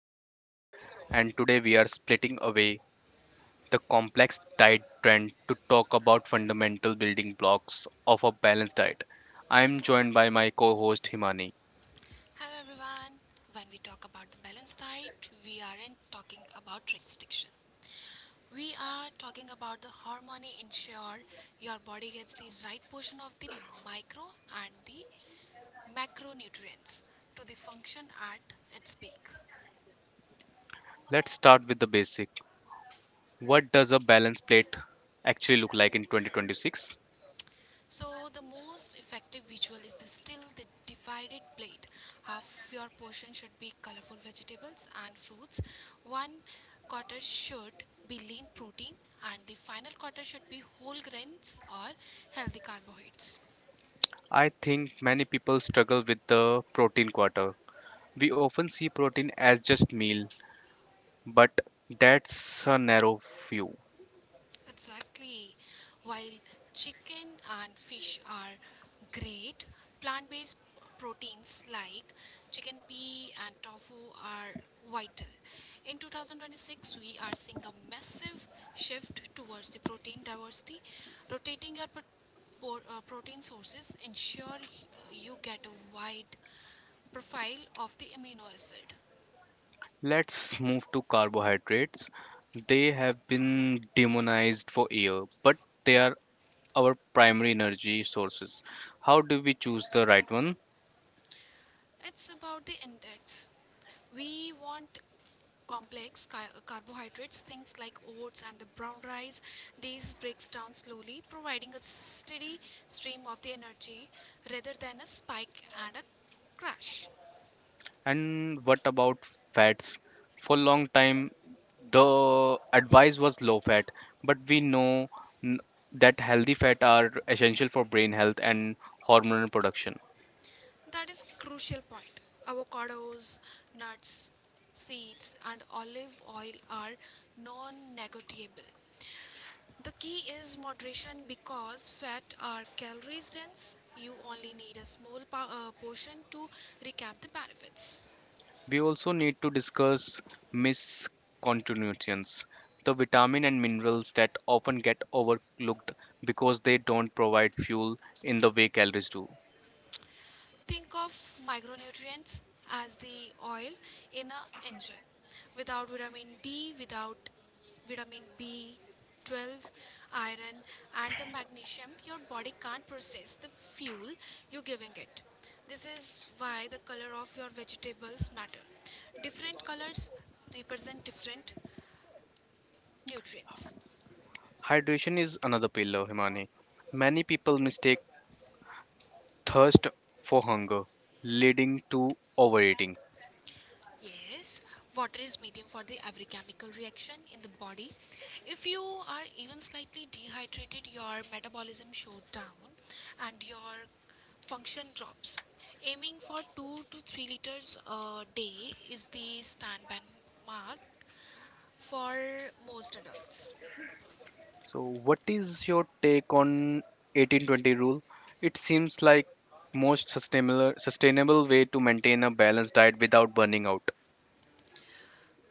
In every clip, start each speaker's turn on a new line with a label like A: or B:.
A: I am Harsh, and today we are splitting away the complex diet trend to talk about fundamental building blocks of a balanced diet. I am joined by my co host Himani.
B: Hello everyone. When we talk about the balanced diet, we aren't talking about restriction. We are talking about the harmony ensure your body gets the right portion of the micro and the macronutrients to the function at its peak.
A: Let's start with the basic. What does a balanced plate actually look like in 2026?
B: So the most effective visual is the still the divided plate. Half your portion should be colorful vegetables and fruits. One quarter should be lean protein and the final quarter should be whole grains or healthy carbohydrates.
A: I think many people struggle with the protein quarter. We often see protein as just meal, but that's a narrow view.
B: Exactly. While chicken and fish are great, plant based proteins like chicken pea and tofu are vital. In 2026, we are seeing a massive shift towards the protein diversity. Rotating your protein sources ensure you get a wide profile of the amino acid.
A: Let's move to carbohydrates. They have been demonized for years, but they are our primary energy sources. How do we choose the right one?
B: It's about the index. We want complex carbohydrates, things like oats and the brown rice. These breaks down slowly, providing a steady stream of the energy rather than a spike and a crash.
A: And what about fats? For a long time, the advice was low fat, but n- that healthy fat are essential for brain health and hormonal production.
B: That is crucial point. Avocados, nuts, seeds, and olive oil are non-negotiable. The key is moderation because fat are calories dense. You only need a small portion to recap the benefits.
A: We also need to discuss miscontinuities, the vitamin and minerals that often get overlooked because they don't provide fuel in the way calories do.
B: Think of micronutrients as the oil in an engine. Without vitamin D, without vitamin B12, iron, and the magnesium, your body can't process the fuel you're giving it. This is why the color of your vegetables matter. Different colors represent different Nutrients.
A: Hydration is another pillar, Himani. Many people mistake thirst for hunger, leading to overeating.
B: Yes, water is medium for the every chemical reaction in the body. If you are even slightly dehydrated, your metabolism shut down and your function drops. Aiming for 2 to 3 liters a day is the standby mark for most adults.
A: So, what is your take on 18-20 rule? It seems like most sustainable way to maintain a balanced diet without burning out.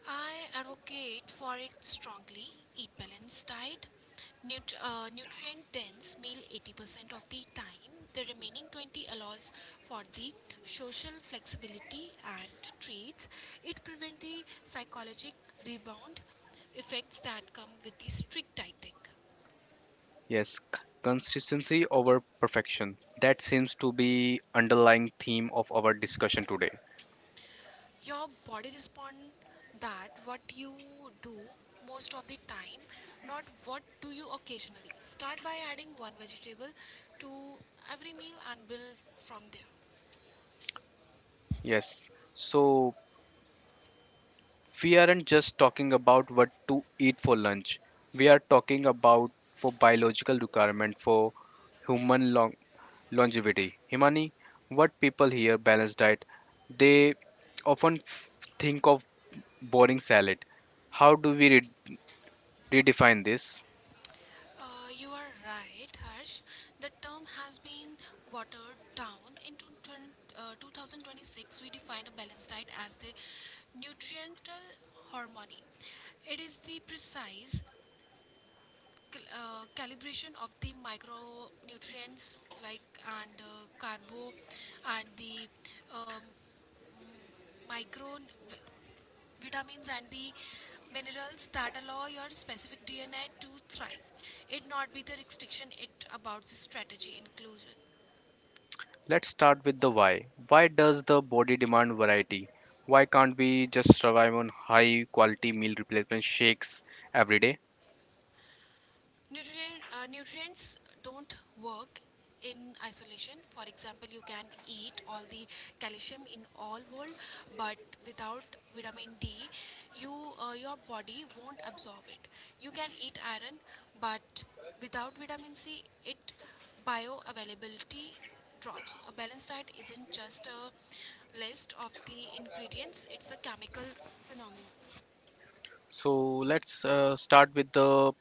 B: I advocate for it strongly. Eat balanced diet, nutrient dense meal 80% of the time. The remaining 20 allows for the social flexibility and treats. It prevents the psychologic rebound effects that come with the strict dieting.
A: Yes, consistency over perfection. That seems to be underlying theme of our discussion today.
B: Your body respond that what you do most of the time, not what do you occasionally. Start by adding one vegetable to every meal and build from there.
A: Yes. So we aren't just talking about what to eat for lunch. We are talking about for biological requirement for human long longevity. Himani, what people here balanced diet, they often think of boring salad. How do we redefine this?
B: You are right, Harsh. The term has been watered down in 2026. We defined a balanced diet as the nutritional harmony. It is the precise calibration of the micronutrients like and carbo and the um, micro vitamins and the minerals that allow your specific DNA to thrive. It not be the restriction, it about the strategy inclusion.
A: Let's start with the why. Why does the body demand variety? Why can't we just survive on high quality meal replacement shakes every day?
B: Nutrients don't work in isolation. For example, you can eat all the calcium in all world, but without vitamin D, you your body won't absorb it. You can eat iron, but without vitamin C, it bioavailability drops. A balanced diet isn't just a list of the ingredients; it's a chemical phenomenon.
A: So let's start with the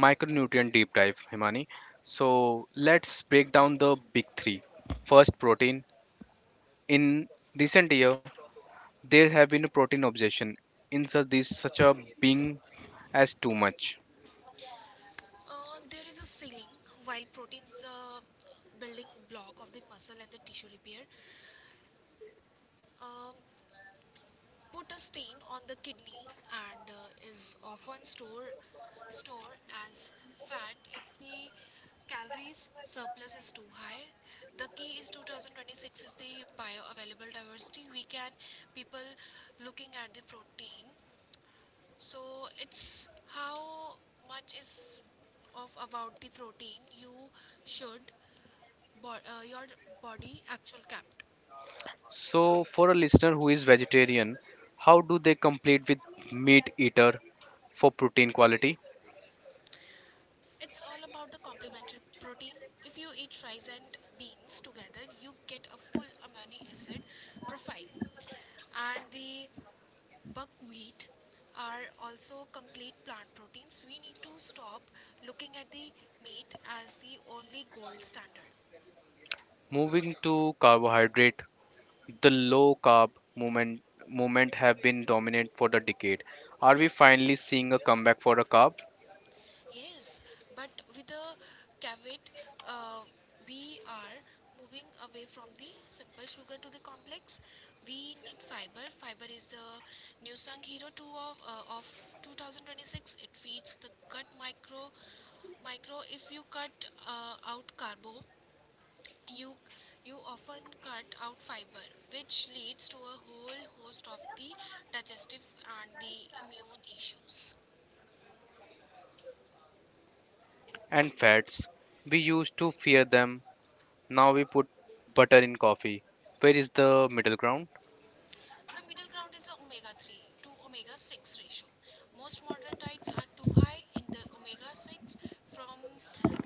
A: micronutrient deep dive, Himani. So let's break down the big three. First, protein. In recent year, there have been a protein obsession in such this such a being as too much.
B: There is a ceiling. While proteins building block of the muscle and the tissue repair, uh, put a stain on the kidney and is often store as fat if the calories surplus is too high. The key is 2026 is the bioavailable diversity. We can people looking at the protein, so it's how much is of about the protein you should your body actual capped.
A: So, for a listener who is vegetarian, how do they complete with meat eater for protein quality?
B: It's all about the complementary protein. If you eat rice and beans together, you get a full amino acid profile. And the buckwheat are also complete plant proteins. We need to stop looking at the meat as the only gold standard.
A: Moving to carbohydrate, the low carb movement movement have been dominant for the decade. Are we finally seeing a comeback for a carb
B: Yes, but with the caveat, uh, we are moving away from the simple sugar to the complex. We need fiber. Fiber is the new sung hero two of 2026. It feeds the gut micro. If you cut out carbo, you you often cut out fiber, which leads to a whole host of the digestive and the immune issues.
A: and fats? We used to fear them. Now we put butter in coffee. Where is the middle ground?
B: The middle ground is a omega 3 to omega 6 ratio. Most modern diets are too high in the omega 6 from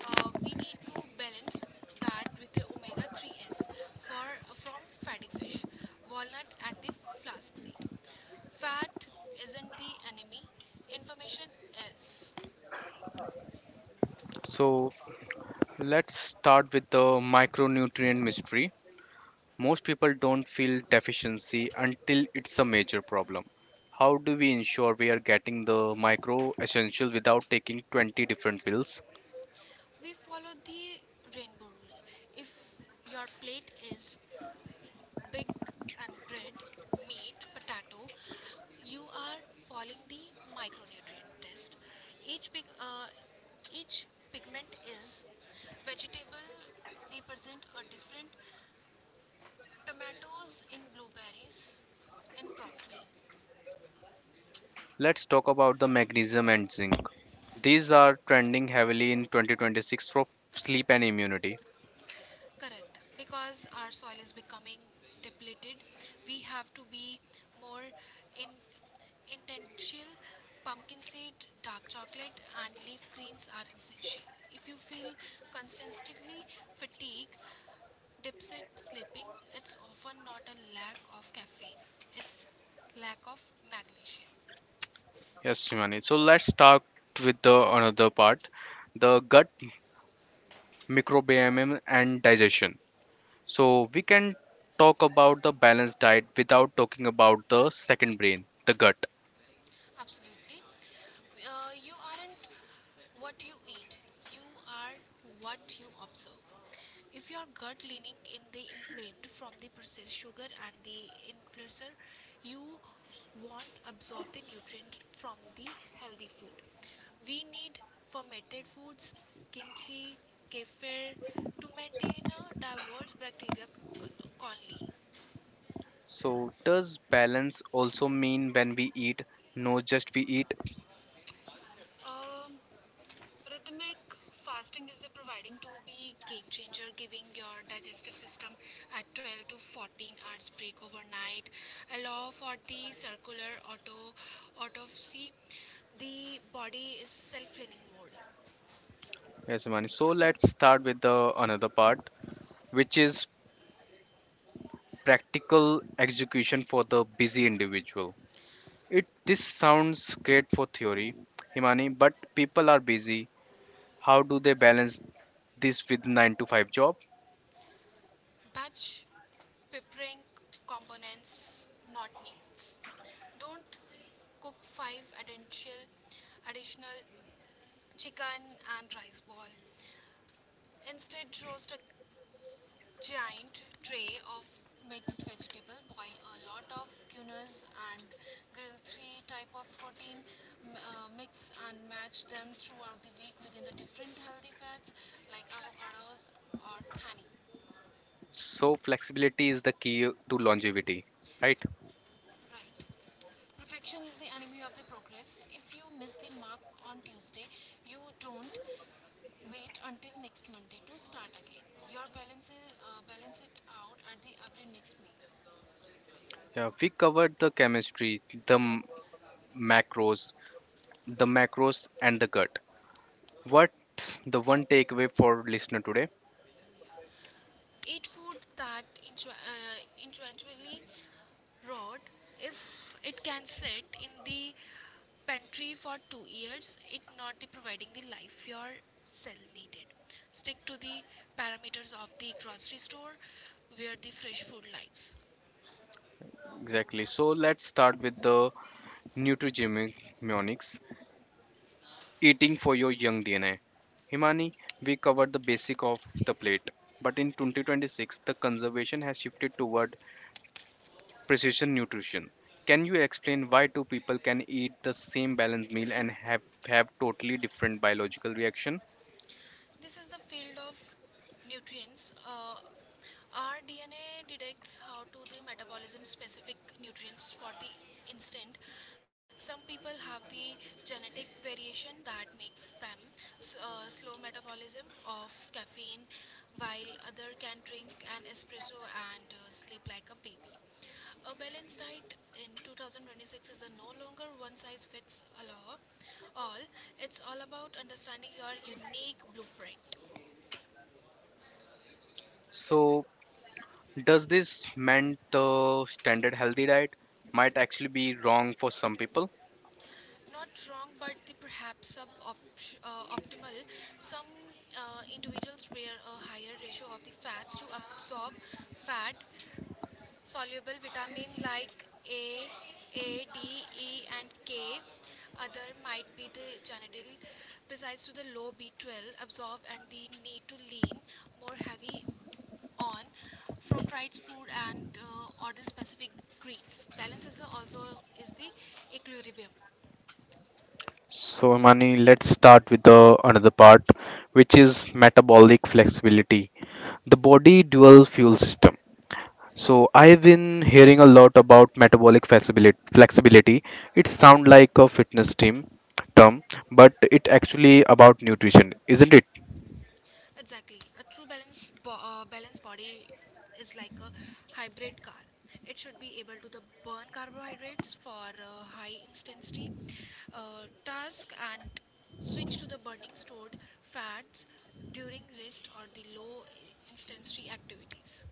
B: we need to balance that with the omega 3s for from fatty fish, walnut and the flask seed. Fat isn't the enemy, information is.
A: So let's start with the micronutrient mystery. Most people don't feel deficiency until it's a major problem. How do we ensure we are getting the micro essentials without taking 20 different pills?
B: We follow the rainbow rule. If your plate is big and bread, meat, potato, you are following the micronutrient test. Each pig, uh, each pigment is vegetable represent a different tomatoes in blueberries in broccoli.
A: Let's talk about the magnesium and zinc. These are trending heavily in 2026 for sleep and immunity.
B: Correct. Because our soil is becoming depleted, we have to be more in intentional. Pumpkin seed, dark chocolate, and leaf greens are essential. If you feel constantly fatigue, deficit sleeping, it's often not a lack of caffeine, it's lack of magnesium.
A: Yes, Shivani. So let's start with the another part, the gut microbiome and digestion. So we can talk about the balanced diet without talking about the second brain, the gut.
B: Absolutely. You aren't what you eat, you are what you observe. If your gut leaning in the inflamed from the processed sugar and the influencer, you won't absorb the nutrient from the healthy food. We need fermented foods, kimchi, kefir to maintain a diverse bacteria colony.
A: So, does balance also mean when we eat, no just we eat?
B: Um, Rhythmic fasting is the providing to be game changer, giving your digestive system a 12 to 14 hours break overnight. Allow for the circular autopsy. The body is self-cleaning mode.
A: Yes, Mani. So, let's start with the another part, which is practical execution for the busy individual. It this sounds great for theory, Himani, but people are busy. How do they balance this with 9 to 5 job?
B: Batch preparing components, not meals. Don't cook five additional chicken and rice ball. Instead, roast a giant tray of mixed vegetable, boil a lot of quinoas and grill three type of protein, mix and match them throughout the week within the different healthy fats like avocados or thani.
A: So, flexibility is the key to longevity, right?
B: Right, perfection is the enemy of the progress. If you miss the mark on Tuesday, you don't wait until next Monday to start again. Your balance it out at the every next meal.
A: Yeah, we covered the chemistry, the m- macros, the macros and the gut. What's the one takeaway for listener today?
B: Eat food that eventually rot. If it can sit in the pantry for 2 years, it not the providing the life your cell needed. Stick to the parameters of the grocery store where the fresh food lies.
A: Exactly. So let's start with the nutrigenomics, eating for your young DNA. Himani, we covered the basic of the plate, but in 2026, the conservation has shifted toward precision nutrition. Can you explain why two people can eat the same balanced meal and have totally different biological reaction?
B: This is the field of nutrients. Our DNA detects how to the metabolism specific nutrients for the instant. Some people have the genetic variation that makes them slow metabolism of caffeine, while other can drink an espresso and sleep like a baby. A balanced diet in 2026 is a no longer one size fits all. It's all about understanding your unique blueprint.
A: So, does this mean the standard healthy diet might actually be wrong for some people?
B: Not wrong, but the perhaps optimal. Some individuals require a higher ratio of the fats to absorb fat, soluble vitamin like A, D, E, and K. Other might be the genital, besides to the low B12 absorb and the need to lean more heavy on for fried food and or the specific greens. Also is the equilibrium.
A: So, Imani, let's start with the another part, which is metabolic flexibility, the body dual fuel system. So, I've been hearing a lot about metabolic flexibility. It sounds like a fitness team term, but it actually about nutrition, isn't it?
B: Exactly. A true balanced body is like a hybrid car. It should be able to the burn carbohydrates for high intensity task and switch to the burning stored fats during rest or the low intensity activities.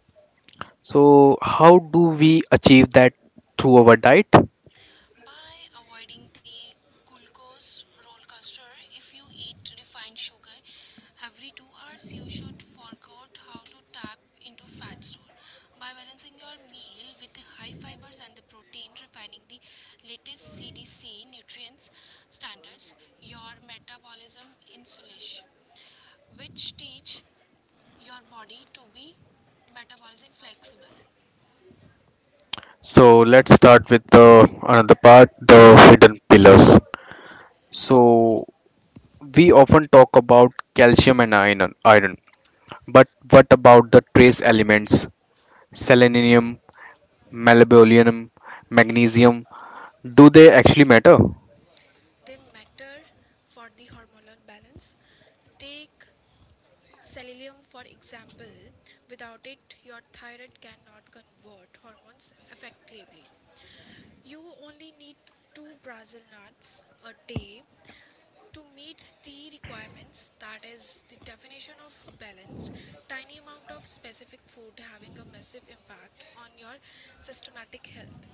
A: So, how do we achieve that through our diet?
B: By avoiding the glucose roller coaster, if you eat refined sugar every 2 hours, you should forget how to tap into fat store. By balancing your meal with the high fibers and the protein, refining the latest CDC nutrients standards, your metabolism insulation which teach your body to be metabolism flexible.
A: So, let's start with the another part, the hidden pillars. So, we often talk about calcium and iron, but what about the trace elements? Selenium, molybdenum, magnesium, do they actually matter?
B: They matter for the hormonal balance. Take Selenium, for example, without it, your thyroid cannot convert hormones effectively. You only need two Brazil nuts a day to meet the requirements. That is the definition of balanced. Tiny amount of specific food having a massive impact on your systematic health.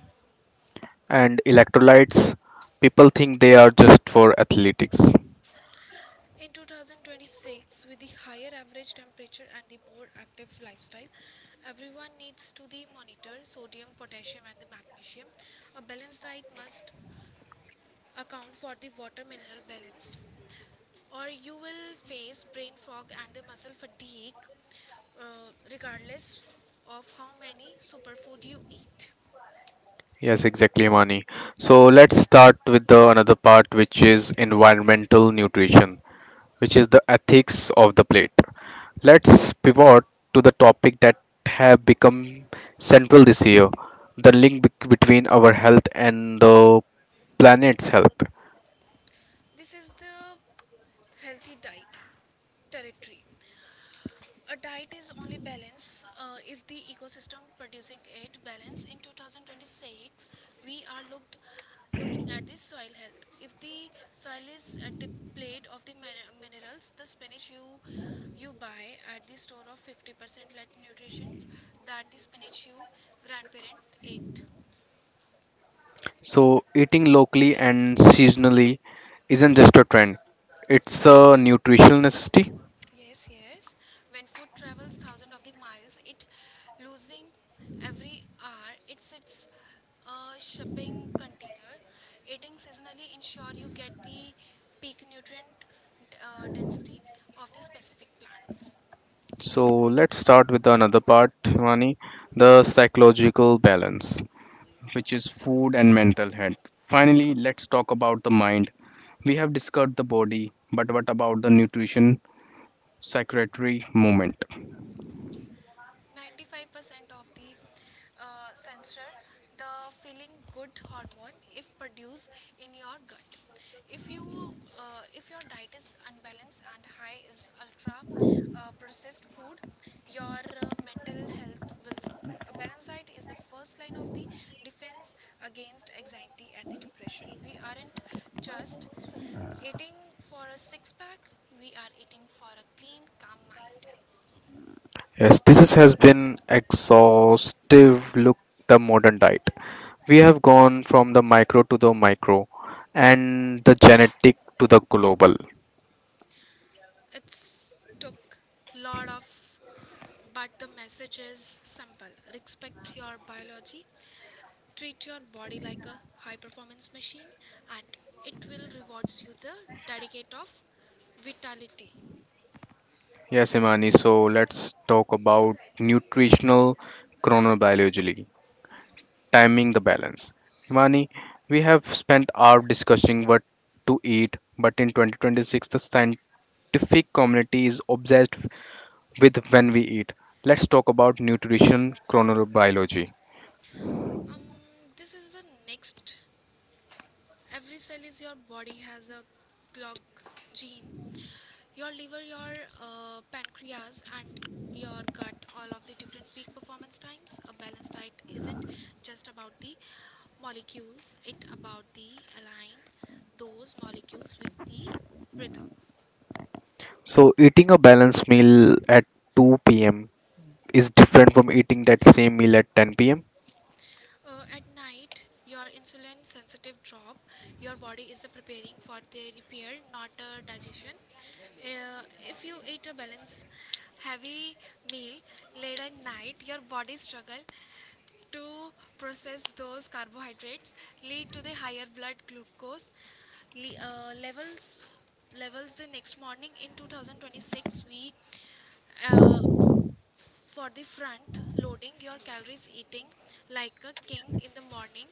A: And electrolytes, people think they are just for athletics.
B: In 2026, with the higher average temperature and the more active lifestyle, everyone needs to the monitor sodium, potassium, and the magnesium. A balanced diet must account for the water mineral balanced, or you will face brain fog and the muscle fatigue, regardless of how many superfood you eat.
A: Yes, exactly, Amani. So let's start with the another part, which is environmental nutrition, which is the ethics of the plate. Let's pivot to the topic that have become central this year, the link between our health and the planet's health.
B: This is the healthy diet territory. A diet is only balance if the ecosystem producing it balance. In 2026 we are looked looking at the soil health. If the soil is at the of the minerals, the spinach you buy at the store of 50% let nutrition that the spinach you grandparent ate.
A: So, eating locally and seasonally isn't just a trend, it's a nutritional necessity.
B: Yes, yes. When food travels thousands of the miles, it losing every hour. It sits shipping container. Eating seasonally ensure you get the peak nutrient density of the specific plants.
A: So, let's start with another part, Shivani, the psychological balance, which is food and mental health. Finally, let's talk about the mind. We have discussed the body, but what about the nutrition, secretary movement?
B: 95% of the sensor the feeling good hormone if produced in your gut. If you uh, if your diet is unbalanced and high is ultra processed food, your mental health will suffer. A balanced diet is the first line of the defense against anxiety and the depression. We aren't just eating for a six pack, we are eating for a clean calm mind.
A: Yes, has been exhaustive look the modern diet. We have gone from the micro to the micro and the genetic to the global.
B: It's took lot of, but the message is simple. Respect your biology. Treat your body like a high performance machine, and it will rewards you the dedicate of vitality.
A: Yes, Imani, so let's talk about nutritional chronobiology, timing the balance. Himani, we have spent hours discussing what to eat, but in 2026, the scientific community is obsessed with when we eat. Let's talk about nutrition chronobiology.
B: Um, this is the next, every cell is your body has a clock gene, your liver, your pancreas, and your gut, all of the different peak performance times. A balanced diet isn't just about the molecules, it about the align those molecules with the rhythm.
A: So, eating a balanced meal at 2 p.m. is different from eating that same meal at 10 p.m.
B: At night, your insulin sensitive drop. Your body is preparing for the repair, not digestion. If you eat a balanced, heavy meal late at night, your body struggle to process those carbohydrates, lead to the higher blood glucose levels. Levels the next morning in 2026, we uh, for the front, loading your calories, eating like a king in the morning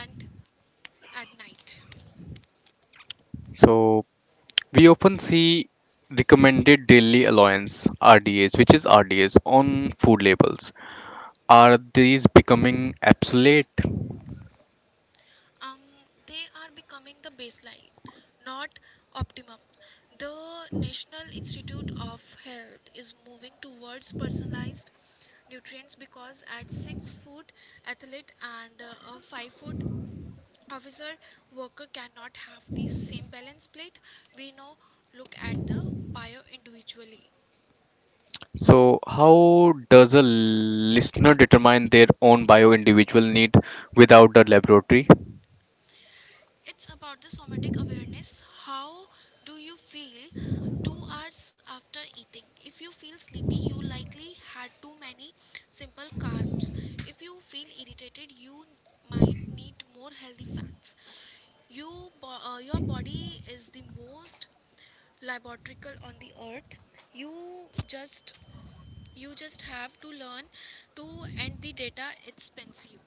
B: and at night.
A: So, we often see recommended daily allowance RDAs, which is RDAs, on food labels. Are these becoming obsolete?
B: Um, they are becoming the baseline, not optimum. The National Institute of Health is moving towards personalized nutrients, because at 6-foot athlete and a 5-foot officer worker cannot have the same balance plate. We now look at the bio individually.
A: So, how does a listener determine their own bio individual need without the laboratory?
B: It's about the somatic awareness. How do you feel 2 hours after eating? If you feel sleepy, you likely had too many simple carbs. If you feel irritated, you might need more healthy fats. Your body is the most laboratory on the earth. You just you just have to learn to and the data it spends you.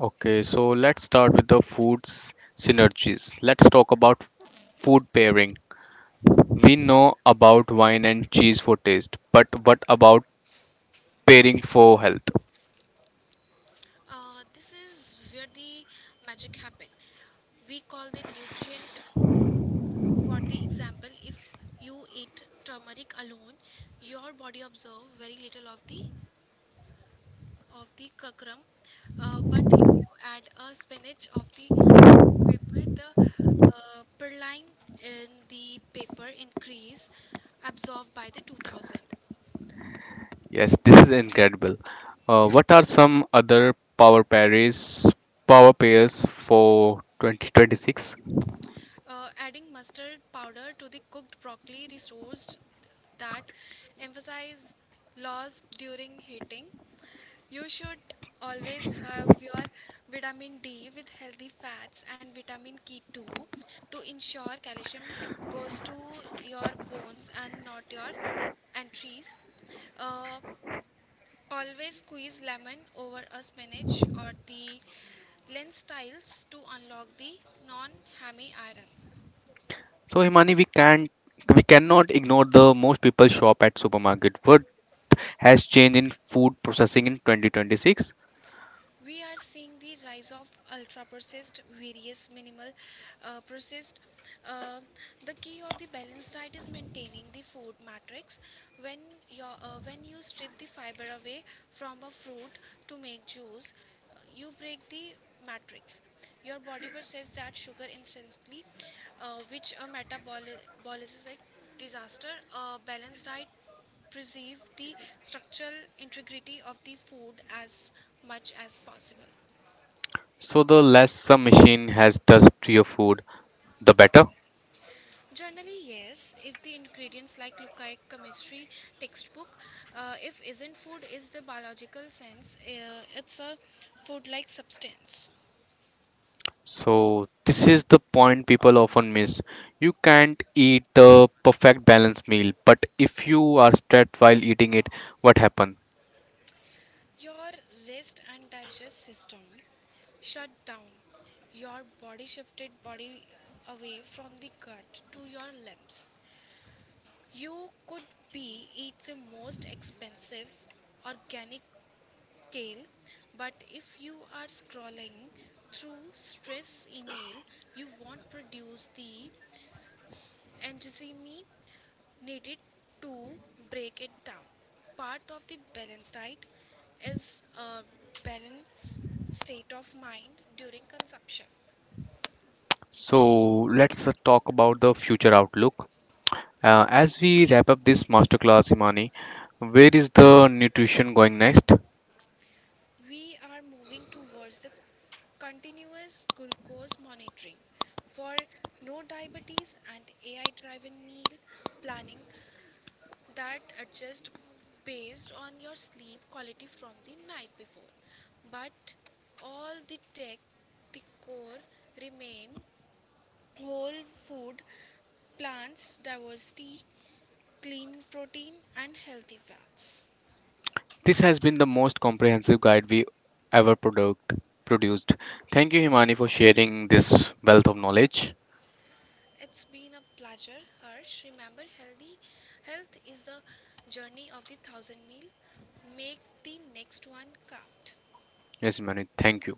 A: Okay, so let's start with the foods synergies. Let's talk about food pairing. We know about wine and cheese for taste, but what about pairing for health?
B: This is where the magic happen. We call the nutrient, for the example, if you eat turmeric alone, your body absorb very little of the kakram. But if you add a spinach of the paper, the perline in the paper increase absorbed by the 2000.
A: Yes, this is incredible. What are some other power pairs for 2026?
B: Adding mustard powder to the cooked broccoli resourced that emphasize loss during heating. You should always have your vitamin D with healthy fats and vitamin K2 to ensure calcium goes to your bones and not your entries. Uh, Always squeeze lemon over a spinach or the lens tiles to unlock the non-hammy iron.
A: So Himani, we cannot ignore the most people shop at supermarket. What has changed in food processing in 2026?
B: We are seeing the rise of ultra processed various minimal processed. uh, the key of the balanced diet is maintaining the food matrix. When your uh, when you strip the fiber away from a fruit to make juice, you break the matrix, your body processes that sugar instantly, which a metabolic is a disaster. A balanced diet preserve the structural integrity of the food as much as possible.
A: So the less some machine has touched your food, the better.
B: Generally, yes, if the ingredients like look like chemistry textbook, if isn't food is the biological sense, it's a food like substance.
A: So this is the point people often miss. You can't eat the perfect balanced meal, but if you are stressed while eating it, what happen?
B: Your rest and digest system shut down. Your body shifted body away from the gut to your limbs. You could be eat the most expensive organic scale, but if you are scrolling through stress email, you won't produce the enthusiasm needed to break it down. Part of the balanced diet is a balanced state of mind during consumption.
A: So let's talk about the future outlook. As we wrap up this masterclass, Imani, where is the nutrition going next?
B: We are moving towards the continuous glucose monitoring for no diabetes, and AI driven meal planning that adjust based on your sleep quality from the night before. But all the tech, the core remain whole food, plants, diversity, clean protein, and healthy fats.
A: This has been the most comprehensive guide we ever product, produced. Thank you, Himani, for sharing this wealth of knowledge.
B: It's been a pleasure, Harsh. Remember, healthy health is the journey of the 1,000 meal. Make the next one count.
A: Yes, Himani, thank you.